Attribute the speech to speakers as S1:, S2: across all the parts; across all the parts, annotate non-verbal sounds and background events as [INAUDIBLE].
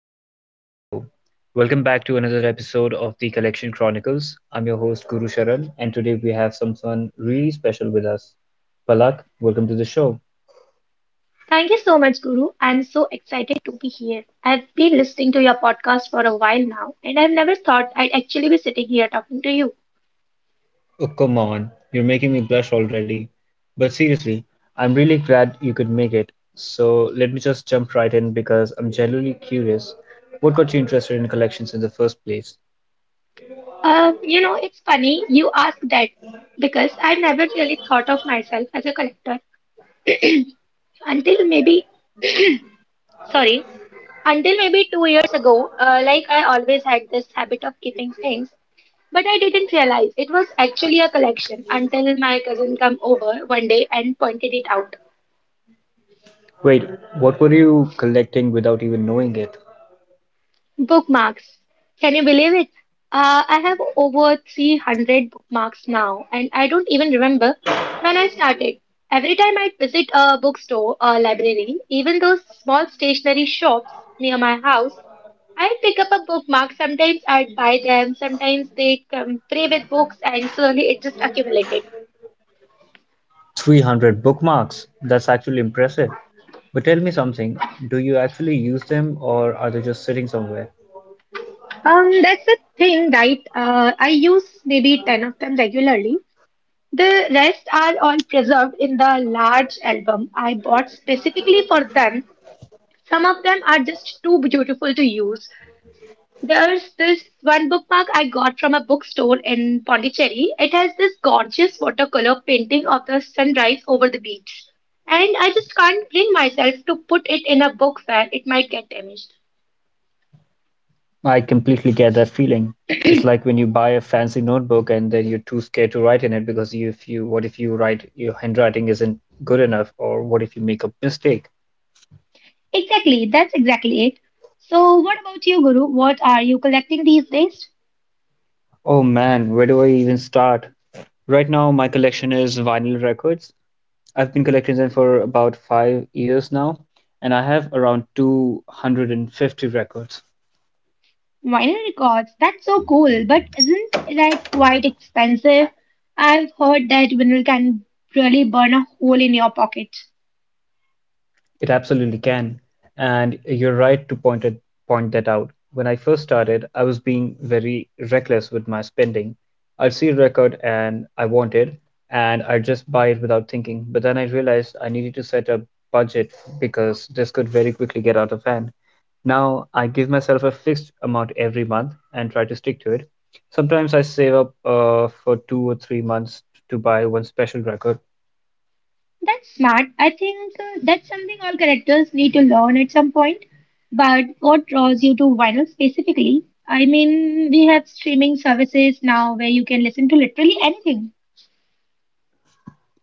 S1: Hello, hello, hello. Welcome back to another episode of the Collection Chronicles. I'm your host, Guru Sharan, and today we have someone really special with us. Palak, welcome to the show.
S2: Thank you so much, Guru. I'm so excited to be here. I've been listening to your podcast for a while now, and I've never thought I'd actually be sitting here talking to you.
S1: Oh, come on, you're making me blush already. But seriously, I'm really glad you could make it. So let me just jump right in because I'm genuinely curious. What got you interested in collections in the first place?
S2: It's funny you ask that because I've never really thought of myself as a collector until maybe, sorry, until maybe 2 years ago. Like I always had this habit of keeping things. But I didn't realize it was actually a collection until my cousin came over one day and pointed it out.
S1: Wait, what were you collecting without even knowing it?
S2: Bookmarks. Can you believe it? I have over 300 bookmarks now, and I don't even remember when I started. Every time I visit a bookstore or library, even those small stationery shops near my house, I pick up a bookmark. Sometimes I buy them, sometimes they come play with books, and slowly it just accumulated.
S1: 300 bookmarks! That's actually impressive. But tell me something, do you actually use them or are they just sitting somewhere?
S2: That's the thing, right? I use maybe 10 of them regularly. The rest are all preserved in the large album I bought specifically for them. Some of them are just too beautiful to use. There's this one bookmark I got from a bookstore in Pondicherry. It has this gorgeous watercolor painting of the sunrise over the beach. And I just can't bring myself to put it in a book where it might get damaged.
S1: I completely get that feeling. It's like when you buy a fancy notebook and then you're too scared to write in it because you, if you what if you write your handwriting isn't good enough or what if you make a mistake?
S2: Exactly, that's exactly it. So, what about you, Guru? What are you collecting these days?
S1: Oh man, where do I even start? Right now, my collection is vinyl records. I've been collecting them for about 5 years now, and I have around 250 records.
S2: Vinyl records, that's so cool, but isn't that quite expensive? I've heard that vinyl can really burn a hole in your pocket.
S1: It absolutely can, and you're right to point that out. When I first started, I was being very reckless with my spending. I'd see a record and I wanted, And I'd just buy it without thinking. But then I realized I needed to set a budget because this could very quickly get out of hand. Now I give myself a fixed amount every month and try to stick to it. Sometimes I save up for 2 or 3 months to buy one special record.
S2: That's smart. I think that's something all collectors need to learn at some point. But what draws you to vinyl specifically? I mean, we have streaming services now where you can listen to literally anything.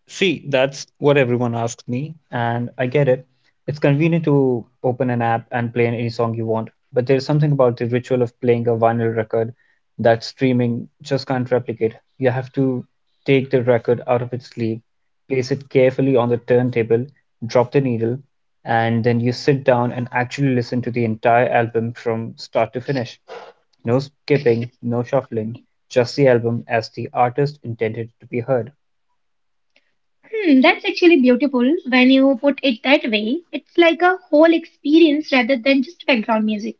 S1: See, that's what everyone asks me, and I get it. It's convenient to open an app and play any song you want, but there's something about the ritual of playing a vinyl record that streaming just can't replicate. You have to take the record out of its sleeve, place it carefully on the turntable, drop the needle, and then you sit down and actually listen to the entire album from start to finish. No skipping, no shuffling, just the album as the artist intended it to be heard.
S2: Hmm, that's actually beautiful when you put it that way. It's like a whole experience rather than just background music.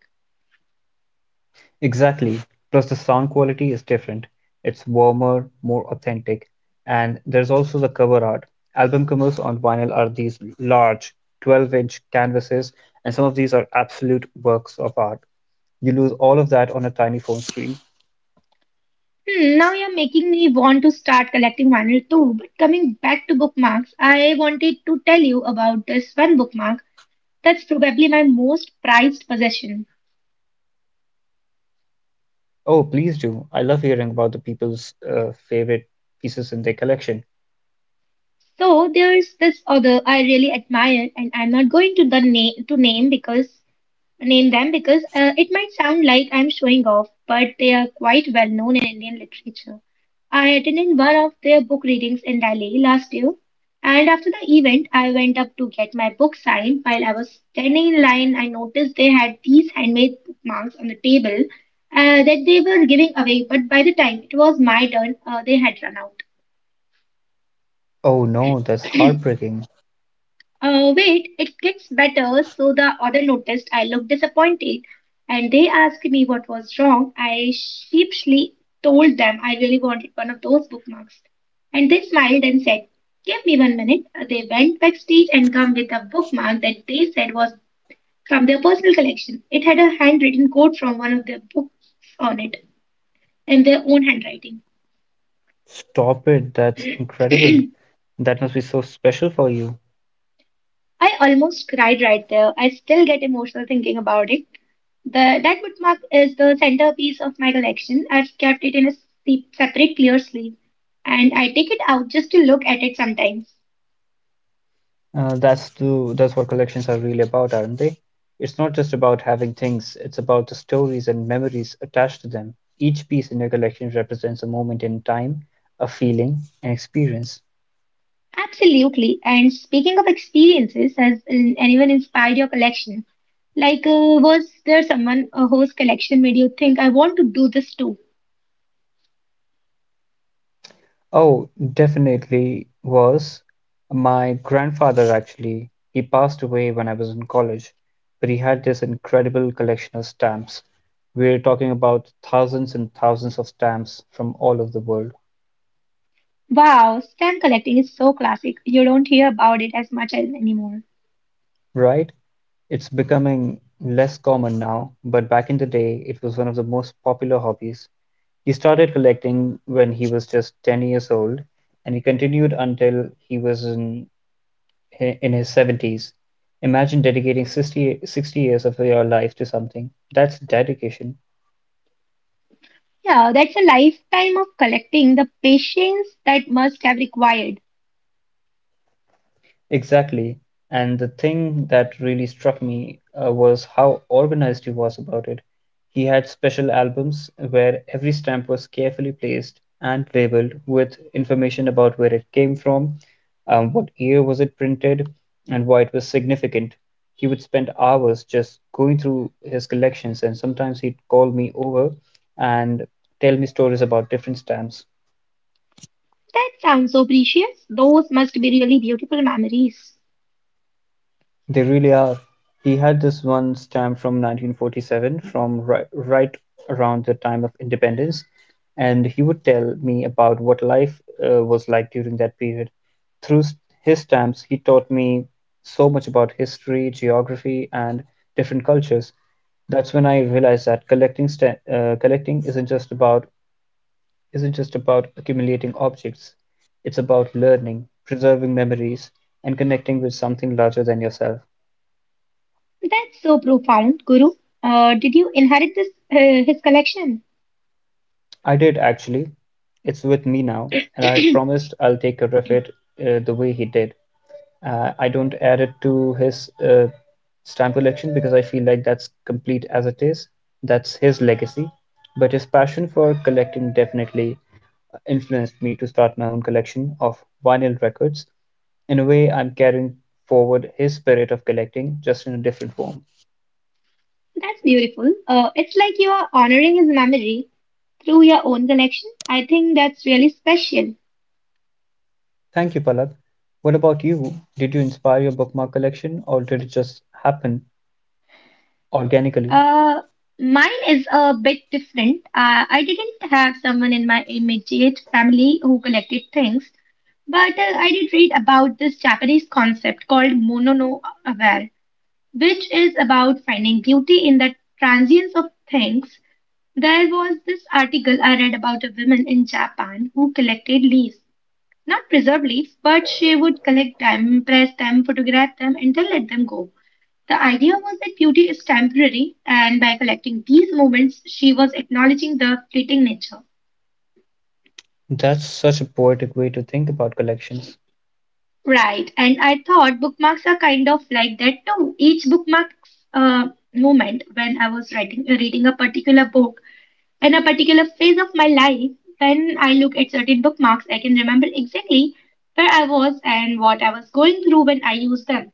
S1: Exactly, plus the sound quality is different, it's warmer, more authentic, and there's also the cover art. Album covers on vinyl are these large 12-inch canvases, and some of these are absolute works of art. You lose all of that on a tiny phone screen.
S2: Hmm, now you're making me want to start collecting vinyl too. But coming back to bookmarks, I wanted to tell you about this one bookmark that's probably my most prized possession.
S1: Oh, please do. I love hearing about the people's favorite pieces in their collection.
S2: So there's this other I really admire, and I'm not going to the na- to name because name them because it might sound like I'm showing off, but they are quite well known in Indian literature. I attended one of their book readings in Delhi last year, and after the event, I went up to get my book signed. While I was standing in line, I noticed they had these handmade bookmarks on the table that they were giving away, but by the time it was my turn, they had run out.
S1: Oh no, that's heartbreaking.
S2: Wait, it gets better. So the other noticed I looked disappointed, and they asked me what was wrong. I sheepishly told them I really wanted one of those bookmarks. And they smiled and said, "Give me 1 minute." They went backstage and come with a bookmark that they said was from their personal collection. It had a handwritten quote from one of their books on it in their own handwriting.
S1: Stop it, that's incredible. That must be so special for you.
S2: I almost cried right there. I still get emotional thinking about it. The that bookmark is the centerpiece of my collection. I've kept it in a separate clear sleeve, and I take it out just to look at it sometimes.
S1: That's what collections are really about, aren't they? It's not just about having things, it's about the stories and memories attached to them. Each piece in your collection represents a moment in time, a feeling, an experience.
S2: Absolutely. And speaking of experiences, has anyone inspired your collection? Like, was there someone whose collection made you think, I want to do this too?
S1: Oh, definitely was. My grandfather actually, he passed away when I was in college, but he had this incredible collection of stamps. We're talking about thousands and thousands of stamps from all over the world.
S2: Wow, stamp collecting is so classic. You don't hear about it as much as anymore.
S1: Right? It's becoming less common now, but back in the day it was one of the most popular hobbies. He started collecting when he was just 10 years old, and he continued until he was in his 70s. Imagine dedicating sixty years of your life to something. That's dedication.
S2: Yeah, that's a lifetime of collecting, the patience that must have required.
S1: Exactly. And the thing that really struck me was how organized he was about it. He had special albums where every stamp was carefully placed and labeled with information about where it came from, what year was it printed, and why it was significant. He would spend hours just going through his collections, and sometimes he'd call me over and tell me stories about different stamps.
S2: That sounds so precious. Those must be really beautiful memories.
S1: They really are. He had this one stamp from 1947, from right around the time of independence, and he would tell me about what life was like during that period. Through his stamps, he taught me so much about history, geography, and different cultures. That's when I realized that collecting isn't just about accumulating objects. It's about learning, preserving memories, and connecting with something larger than yourself.
S2: That's so profound, Guru. Did you inherit this his collection?
S1: I did actually. It's with me now,
S2: [CLEARS THROAT]
S1: and I've
S2: That's
S1: promised I'll take care of it the way he did. I don't add it to his stamp collection because I feel like that's complete as it is. That's his legacy. But his passion for collecting definitely influenced me to start my own collection of vinyl records. In a way, I'm carrying forward his spirit of collecting, just in a different form.
S2: beautiful. It's like you are honoring his memory through your own collection. I think that's really special.
S1: Thank you, Palak. What about you? Did you inspire your bookmark collection, or did it just happen organically?
S2: Uh, Mine is a bit different. I didn't have someone in my immediate family who collected things, but I did read about this Japanese concept called monono which is about finding beauty in the transience of things. There was this article I read about a woman in Japan who collected leaves. Not preserved leaves, but she would collect them, press them, photograph them, and then let them go. The idea was that beauty is temporary, and by collecting these moments, she was acknowledging the fleeting nature.
S1: That's such a poetic way to think about collections.
S2: Right, and I thought bookmarks are kind of like that too. Each bookmarks uh, moment when I was writing reading a particular book in a particular phase of my life, when I look at certain bookmarks, I can remember exactly where I was and what I was going through when I used them.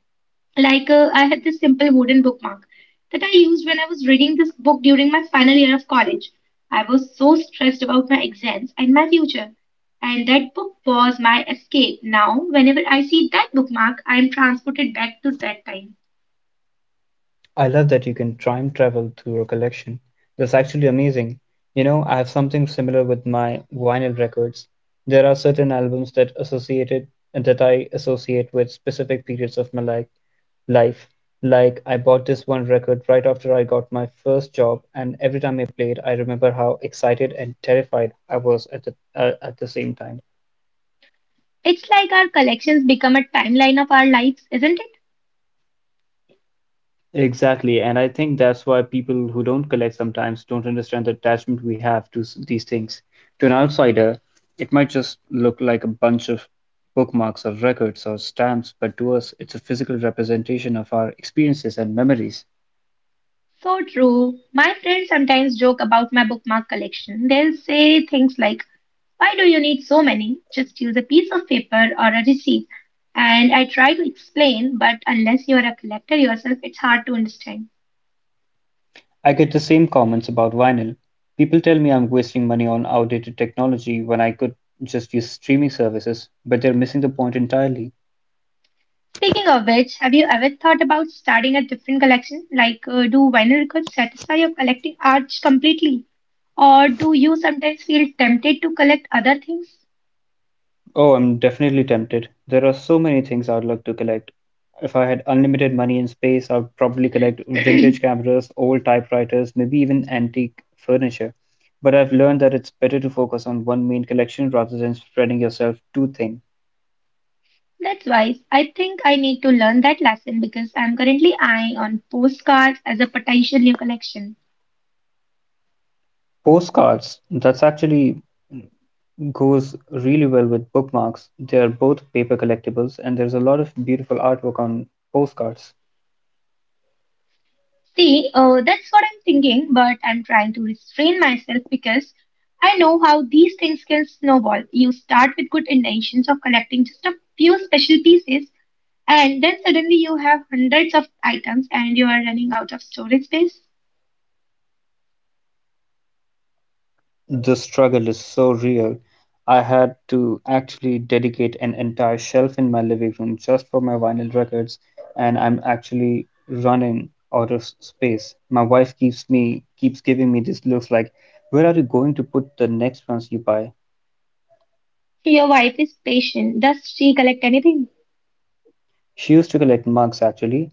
S2: Like, I had this simple wooden bookmark that I used when I was reading this book during my final year of college. I was so stressed about my exams and my future, and that book was my escape. Now, whenever I see that bookmark, I am transported back to that time.
S1: I love that you can time travel through your collection. That's actually amazing. You know, I have something similar with my vinyl records. There are certain albums that I associate with specific periods of my life. Like, I bought this one record right after I got my first job, and every time I played, I remember how excited and terrified I was at the same time.
S2: It's like our collections become a timeline of our lives, isn't it?
S1: Exactly, and I think that's why people who don't collect sometimes don't understand the attachment we have to these things. To an outsider, it might just look like a bunch of bookmarks or records or stamps, but to us, it's a physical representation of our experiences and memories.
S2: So true. My friends sometimes joke about my bookmark collection. They'll say things like, "Why do you need so many? Just use a piece of paper or a receipt." And I try to explain, but unless you're a collector yourself, it's hard to understand.
S1: I get the same comments about vinyl. People tell me I'm wasting money on outdated technology when I could just use streaming services, but they're missing the point entirely.
S2: Speaking of which, have you ever thought about starting a different collection? Like, do vinyl records satisfy your collecting urge completely? Or do you sometimes feel tempted to collect other things?
S1: Oh, I'm definitely tempted. There are so many things I'd love to collect. If I had unlimited money and space, I'd probably collect vintage
S2: [CLEARS THROAT]
S1: cameras, old typewriters, maybe even antique furniture. But I've learned that it's better to focus on one main collection rather than spreading yourself too thin.
S2: That's wise. I think I need to learn that lesson because I'm currently eyeing on postcards as a potential new collection.
S1: Postcards, that's actually goes really well with bookmarks. They are both paper collectibles, and there's a lot of beautiful artwork on postcards.
S2: See, that's what I'm thinking, but I'm trying to restrain myself because I know how these things can snowball. You start with good intentions of collecting just a few special pieces, and then suddenly you have hundreds of items and you are running out of storage space.
S1: The struggle is so real. I had to actually dedicate an entire shelf in my living room just for my vinyl records, and I'm actually running out of space. My wife keeps giving me these looks like, "Where are you going to put the next ones you buy?"
S2: Your wife is patient. Does she collect anything?
S1: She used to collect mugs actually.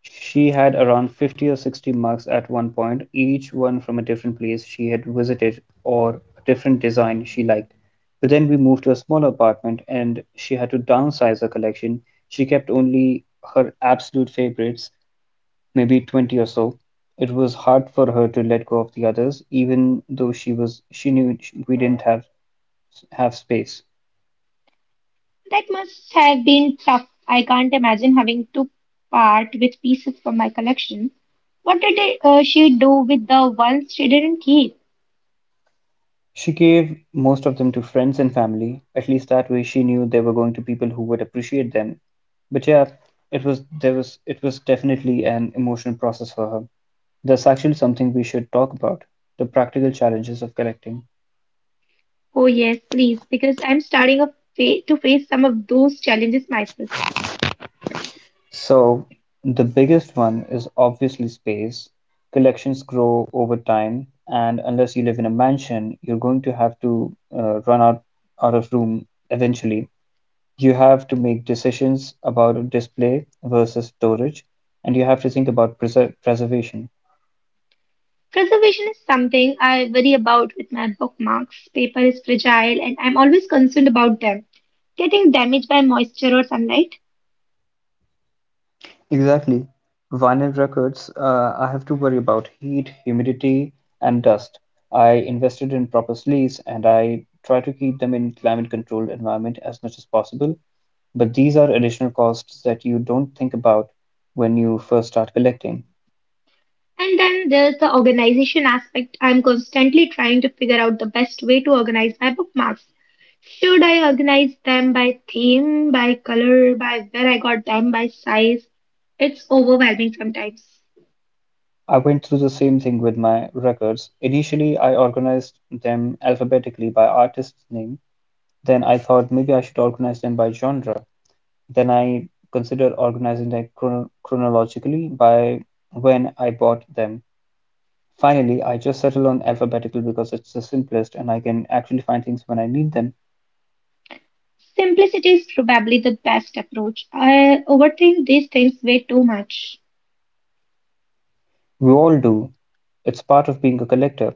S1: She had around 50 or 60 mugs at one point, each one from a different place she had visited or a different design she liked. But then we moved to a smaller apartment and she had to downsize her collection. She kept only her absolute favorites, maybe 20 or so. It was hard for her to let go of the others, even though she knew we didn't have space.
S2: That must have been tough. I can't imagine having to part with pieces from my collection. She do with the ones she didn't keep?
S1: She gave most of them to friends and family; at least that way she knew they were going to people who would appreciate them. But yeah, it was definitely an emotional process for her. That's actually something we should talk about, the practical challenges of collecting.
S2: Oh, yes, please, because I'm starting a fa to face some of those challenges myself.
S1: So, the biggest one is obviously space. Collections grow over time, and unless you live in a mansion, you're going to have to run out of room eventually. You have to make decisions about display versus storage, and you have to think about preservation.
S2: Preservation is something I worry about with my bookmarks. Paper is fragile, and I'm always concerned about them getting damaged by moisture or sunlight.
S1: Exactly. Vinyl records, I have to worry about heat, humidity, and dust. I invested in proper sleeves and I try to keep them in climate controlled environment as much as possible. But these are additional costs that you don't think about when you first start collecting.
S2: And then there's the organization aspect. I'm constantly trying to figure out the best way to organize my bookmarks. Should I organize them by theme, by color, by where I got them, by size? It's overwhelming sometimes.
S1: I went through the same thing with my records. Initially, I organized them alphabetically by artist's name. Then I thought maybe I should organize them by genre. Then I considered organizing them chronologically by when I bought them. Finally, I just settled on alphabetical because it's the simplest and I can actually find things when I need them.
S2: Simplicity is probably the best approach. I overthink these things way too much.
S1: We all do. It's part of being a collector.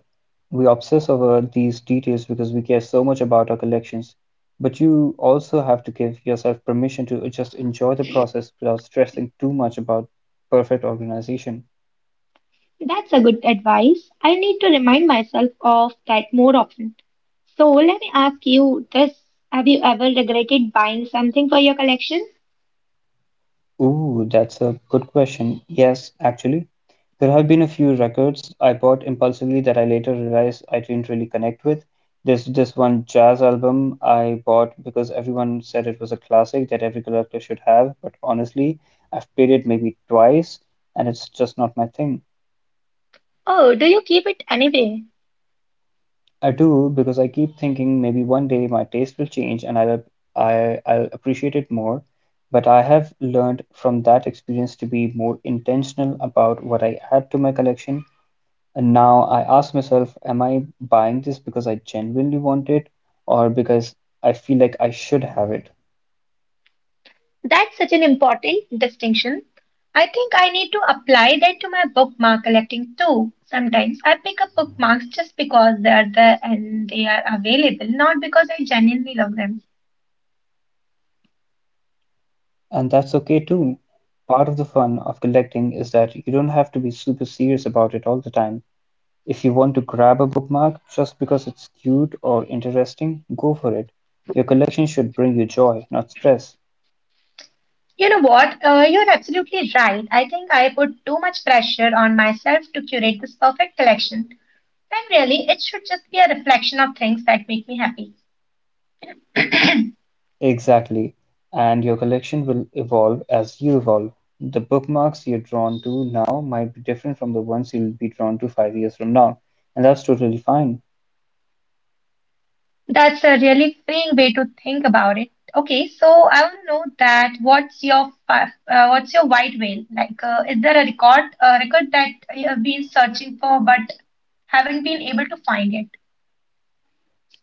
S1: We obsess over these details because we care so much about our collections. But you also have to give yourself permission to just enjoy the process without stressing too much about perfect organization.
S2: That's a good advice. I need to remind myself of that more often. So let me ask you this. Have you ever regretted buying something for your collection?
S1: Ooh, that's a good question. Yes, actually, there have been a few records I bought impulsively that I later realized I didn't really connect with. There's this one jazz album I bought because everyone said it was a classic that every collector should have, but honestly, I've played it maybe twice and it's just not my thing.
S2: Oh, do you keep it anyway?
S1: I do because I keep thinking maybe one day my taste will change and I'll appreciate it more. But I have learned from that experience to be more intentional about what I add to my collection. And now I ask myself, am I buying this because I genuinely want it or because I feel like I should have it?
S2: That's such an important distinction. I think I need to apply that to my bookmark collecting too. Sometimes I pick up bookmarks just because they are there and they are available, not because I genuinely love them.
S1: And that's okay too. Part of the fun of collecting is that you don't have to be super serious about it all the time. If you want to grab a bookmark just because it's cute or interesting, go for it. Your collection should bring you joy, not stress.
S2: You know what? You're absolutely right. I think I put too much pressure on myself to curate this perfect collection. When really, it should just be a reflection of things that make me happy.
S1: Exactly. And your collection will evolve as you evolve. The bookmarks you're drawn to now might be different from the ones you'll be drawn to 5 years from now, and that's totally fine.
S2: That's a really freeing way to think about it. Okay, so I want to know that what's your white whale? Like, is there a record that you have been searching for but haven't been able to find yet?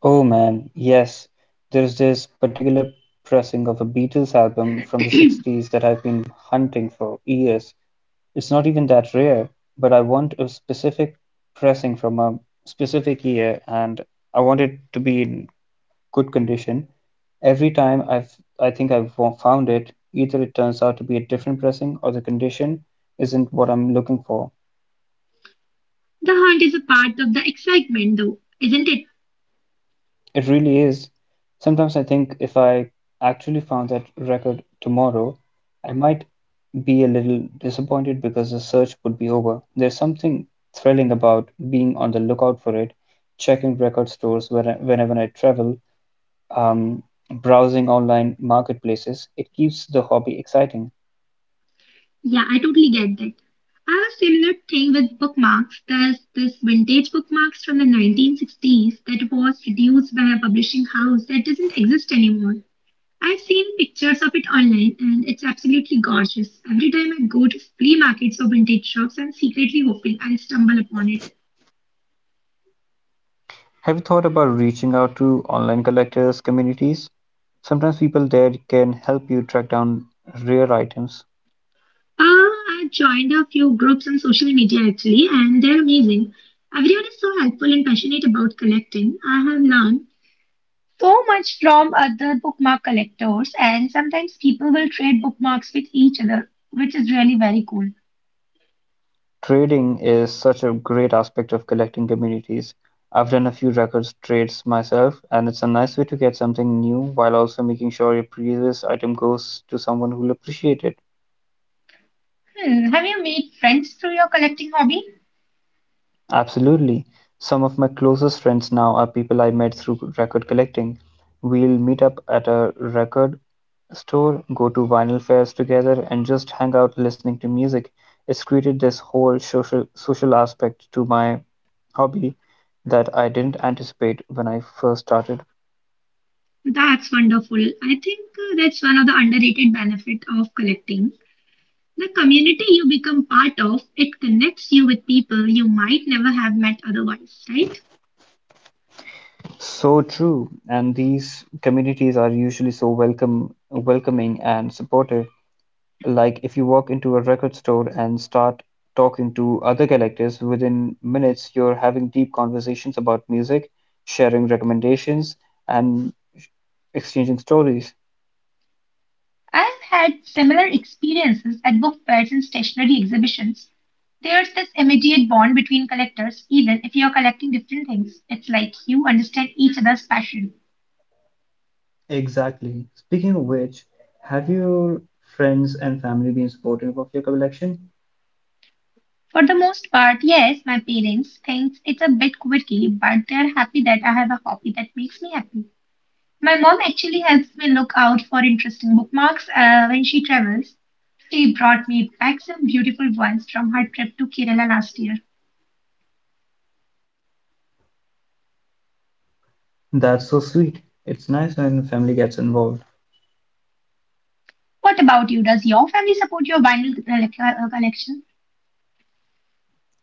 S1: Oh man, yes. There's this particular pressing of a Beatles album from the '60s that I've been hunting for years. It's not even that rare, but I want a specific pressing from a specific year and I want it to be in good condition. Every time I think I've found it, either it turns out to be a different pressing or the condition isn't what I'm looking for.
S2: The hunt is a part of the excitement, though, isn't it?
S1: It really is. Sometimes I think if I actually found that record tomorrow, I might be a little disappointed because the search would be over. There's something thrilling about being on the lookout for it, checking record stores whenever I travel, um, browsing online marketplaces. It keeps the hobby exciting.
S2: Yeah, I totally get that. I have a similar thing with bookmarks. There's this vintage bookmarks from the 1960s that was produced by a publishing house that doesn't exist anymore. I've seen pictures of it online and it's absolutely gorgeous. Every time I go to flea markets or vintage shops, I'm secretly hoping I'll stumble upon it.
S1: Have you thought about reaching out to online collectors communities? Sometimes people there can help you track down rare items.
S2: I've joined a few groups on social media actually, and they're amazing. Everyone is so helpful and passionate about collecting. I have learned so much from other bookmark collectors, and sometimes people will trade bookmarks with each other, which is really very cool.
S1: Trading is such a great aspect of collecting communities. I've done a few records trades myself, and it's a nice way to get something new while also making sure your previous item goes to someone who'll appreciate it.
S2: Hmm, have you made friends through your collecting hobby?
S1: Absolutely. Some of my closest friends now are people I met through record collecting. We'll meet up at a record store, go to vinyl fairs together and just hang out listening to music. It's created this whole social aspect to my hobby that I didn't anticipate when I first started.
S2: That's wonderful. I think that's one of the underrated benefit of collecting. The community you become part of, it connects you with people you might never have met otherwise, right?
S1: So true, and these communities are usually so welcoming and supportive. Like if you walk into a record store and start talking to other collectors, within minutes you're having deep conversations about music, sharing recommendations, and exchanging stories.
S2: I've had similar experiences at book fairs and stationary exhibitions. There's this immediate bond between collectors, even if you're collecting different things. It's like you understand each other's passion.
S1: Exactly. Speaking of which, have your friends and family been supportive of your collection?
S2: For the most part, yes, my parents think it's a bit quirky, but they're happy that I have a hobby that makes me happy. My mom actually helps me look out for interesting bookmarks when she travels. She brought me back some beautiful ones from her trip to Kerala last year.
S1: That's so sweet. It's nice when family gets involved.
S2: What about you? Does your family support your collection?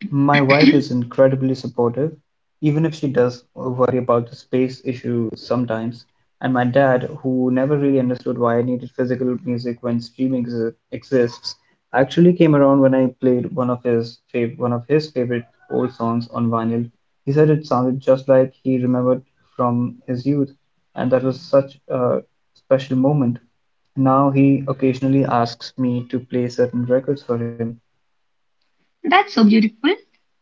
S1: My wife is
S2: [CLEARS THROAT]
S1: incredibly supportive, even if she does worry about the space issue sometimes. And my dad, who never really understood why I needed physical music when streaming exists, actually came around when I played one of his favorite old songs on vinyl. He said it sounded just like he remembered from his youth, and that was such a special moment. Now he occasionally asks me to play certain records for him.
S2: That's so beautiful.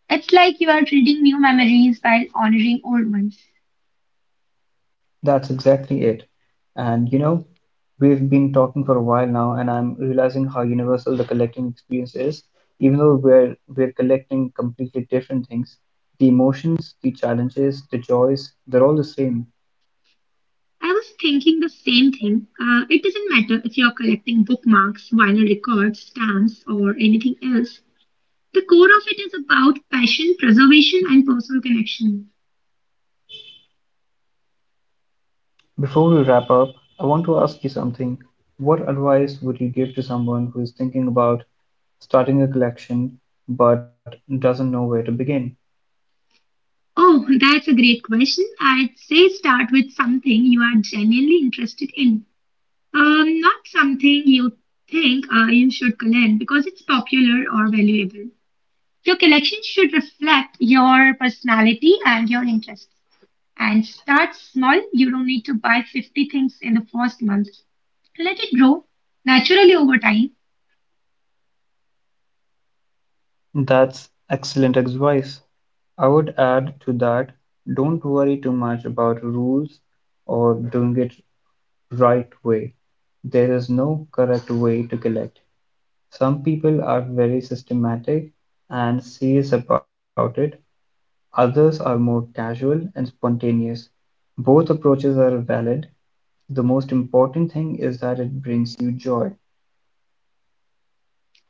S2: It's like you are reading new memories while honoring old ones.
S1: That's exactly it. And you know, we've been talking for a while now, and I'm realizing how universal the collecting experience is. Even though we're collecting completely different things, the emotions, the challenges, the joys, they're all the same.
S2: I was thinking the same thing. It doesn't matter if you're collecting bookmarks, vinyl records, stamps, or anything else. The core of it is about passion, preservation, and personal connection.
S1: Before we wrap up, I want to ask you something. What advice would you give to someone who is thinking about starting a collection but doesn't know where to begin?
S2: Oh, that's a great question. I'd say start with something you are genuinely interested in, not something you think you should collect because it's popular or valuable. Your collection should reflect your personality and your interests. And start small. You don't need to buy 50 things in the first month. Let it grow naturally over time.
S1: That's excellent advice. I would add to that, don't worry too much about rules or doing it right way. There is no correct way to collect. Some people are very systematic and serious about it, others are more casual and spontaneous. Both approaches are valid. The most important thing is that it brings you joy.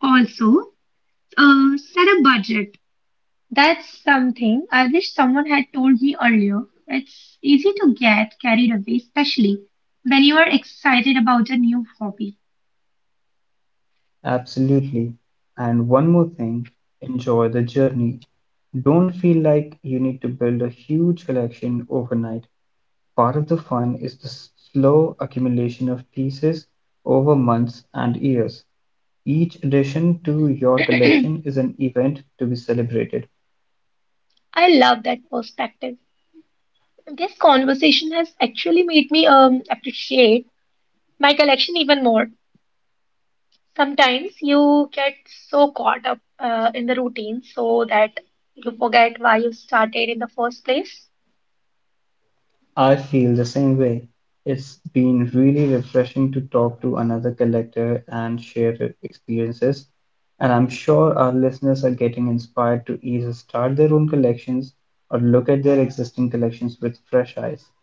S2: Also, set a budget. That's something I wish someone had told me earlier. It's easy to get carried away, especially when you are excited about a new hobby.
S1: Absolutely. And one more thing, enjoy the journey. Don't feel like you need to build a huge collection overnight. Part of the fun is the slow accumulation of pieces over months and years. Each addition to
S2: [CLEARS THROAT]
S1: your
S2: I
S1: collection is an event to be celebrated.
S2: love that perspective. This conversation has actually made me appreciate my collection even more. Sometimes you get so caught up in the routine so that you forget why you started in the first place.
S1: I feel the same way. It's been really refreshing to talk to another collector and share their experiences. And I'm sure our listeners are getting inspired to either start their own collections or look at their existing collections with fresh eyes.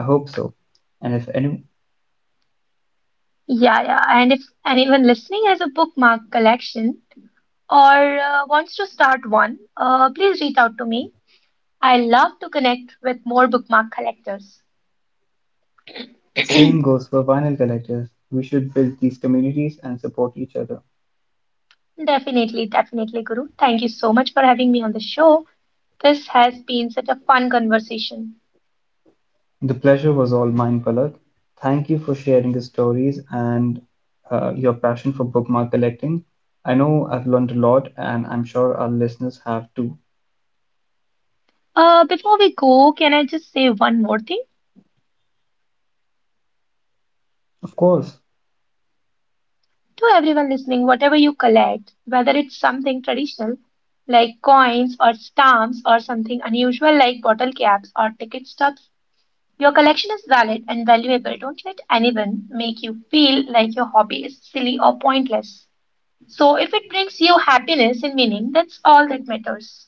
S1: I hope so. And if any
S2: Yeah, yeah. And if anyone listening has a bookmark collection, or wants to start one, please reach out to me. I love to connect with more bookmark collectors.
S1: Same goes for vinyl collectors, we should build these communities and support each other.
S2: Definitely, definitely, Guru. Thank you so much for having me on the show. This has been such a fun conversation.
S1: The pleasure was all mine, Palak. Thank you for sharing the stories and your passion for bookmark collecting. I know I've learned a lot, and I'm sure our listeners have too.
S2: Before we go, can I just say one more thing?
S1: Of course,
S2: To everyone listening, whatever you collect, whether it's something traditional like coins or stamps or something unusual like bottle caps or ticket stubs, your collection is valid and valuable. Don't let anyone make you feel like your hobby is silly or pointless. So, if it brings you happiness and meaning, that's all that matters.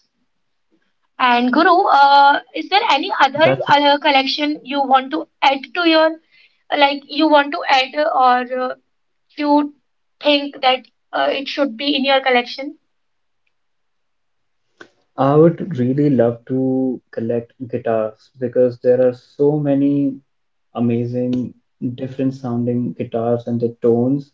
S2: And Guru,
S1: that's
S2: is there any other collection you want to add to your, like you want to add, or you think that it should be in your collection?
S1: I would really love to collect guitars because there are so many amazing, different sounding guitars and the tones,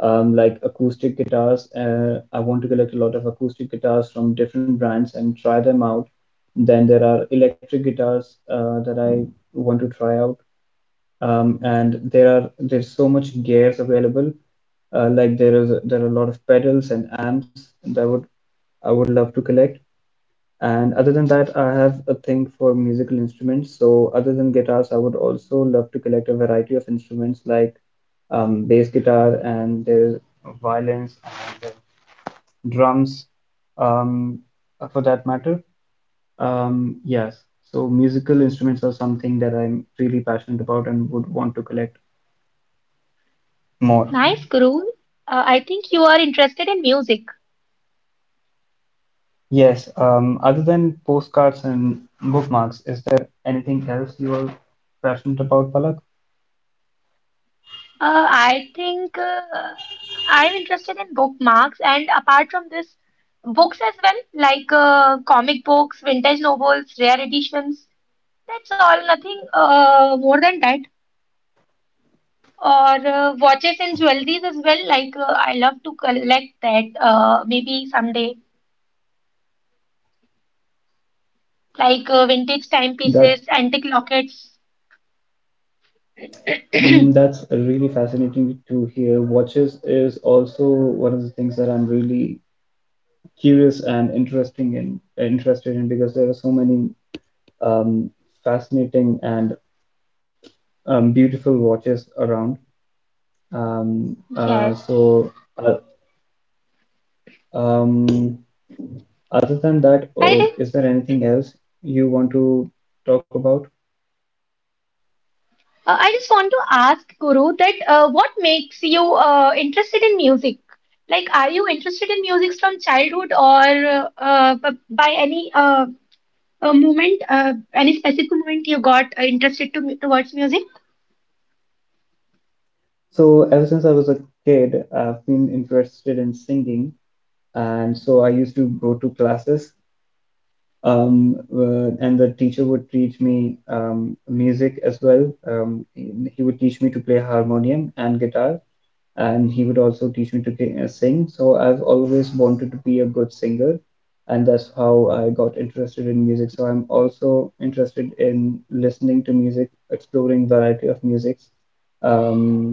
S1: like acoustic guitars. I want to collect a lot of acoustic guitars from different brands and try them out. Then there are electric guitars that I want to try out, and there's so much gears available. Like there are a lot of pedals and amps that would I would love to collect. And other than that, I have a thing for musical instruments. So other than guitars, I would also love to collect a variety of instruments like bass guitar and there's violins and there's drums, um, for that matter. Yes. So musical instruments are something that I'm really passionate about and would want to collect more.
S2: Nice, Guru. I think you are interested in music.
S1: Yes. Other than postcards and bookmarks, is there anything else you are passionate about, Palak?
S2: Uh, I think uh, I'm interested in bookmarks, and apart from this, books as well, like comic books, vintage novels, rare editions. That's all, nothing more than that. Or watches and jewelries as well. Like I love to collect that. Maybe someday, like vintage
S1: That
S2: timepieces, antique lockets.
S1: That's really fascinating to hear. Watches is also one of the things that I'm really curious and interesting in interested in because there are so many um, fascinating and beautiful watches around. Um, uh,
S2: Yes.
S1: so, uh, um, Other than that,
S2: By the
S1: is there anything else you want to talk about?
S2: I just want to ask Guru that what makes you interested in music? Like, are you interested in music from childhood or b- by any moment, any specific moment you got towards music?
S1: So, ever since I was a kid, I've been interested in singing, and so I used to go to classes and the teacher would teach me music as well. He would teach me to play harmonium and guitar, and he would also teach me to sing. So I've always wanted to be a good singer, and that's how I got interested in music. So I'm also interested in listening to music, exploring variety of musics. Um,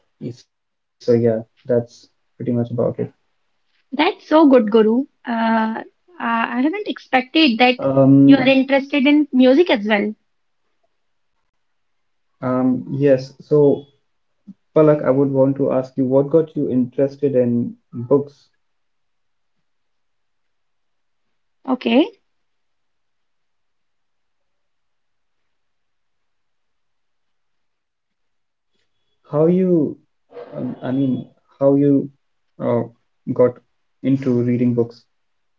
S1: so yeah, that's pretty much about it.
S2: That's so good, Guru. I haven't expected that
S1: Um,
S2: you are interested in music as well.
S1: yes, so Palak, I would want to ask you what got you interested in books?
S2: Okay.
S1: How you, I mean, how you uh, got into reading books?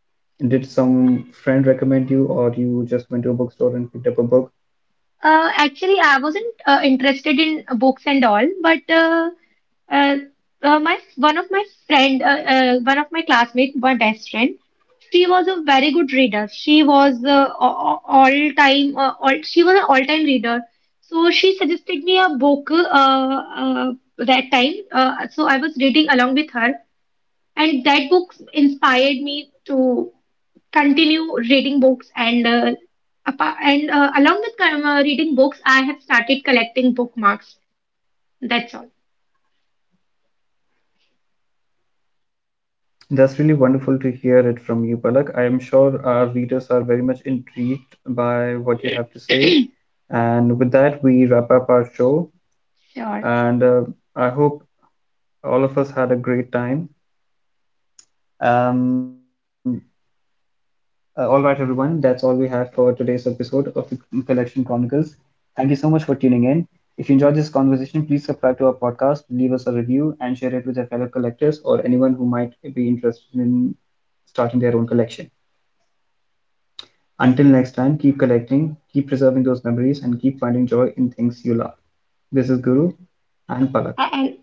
S1: Did some friend recommend you, or you just went to a bookstore and picked up a book?
S2: Actually, I wasn't interested in books and all, but. Uh, my one of my friend, one of my classmates, my best friend, she was a very good reader. She was all time, all she was an all time reader. So she suggested me a book uh, that time. So I was reading along with her, and that book inspired me to continue reading books. And along with reading books, I have started collecting bookmarks. That's all.
S1: That's really wonderful to hear it from you, Palak. I am sure our readers are very much intrigued by what you have to say. And with that, we wrap up our show.
S2: Sure.
S1: And I hope all of us had a great time. Um, all right, everyone, that's all we have for today's episode of the Collection Chronicles. Thank you so much for tuning in. If you enjoyed this conversation, please subscribe to our podcast, leave us a review, and share it with your fellow collectors or anyone who might be interested in starting their own collection. Until next time, keep collecting, keep preserving those memories, and keep finding joy in things you love. This is Guru and
S2: A-
S1: Palak.
S2: And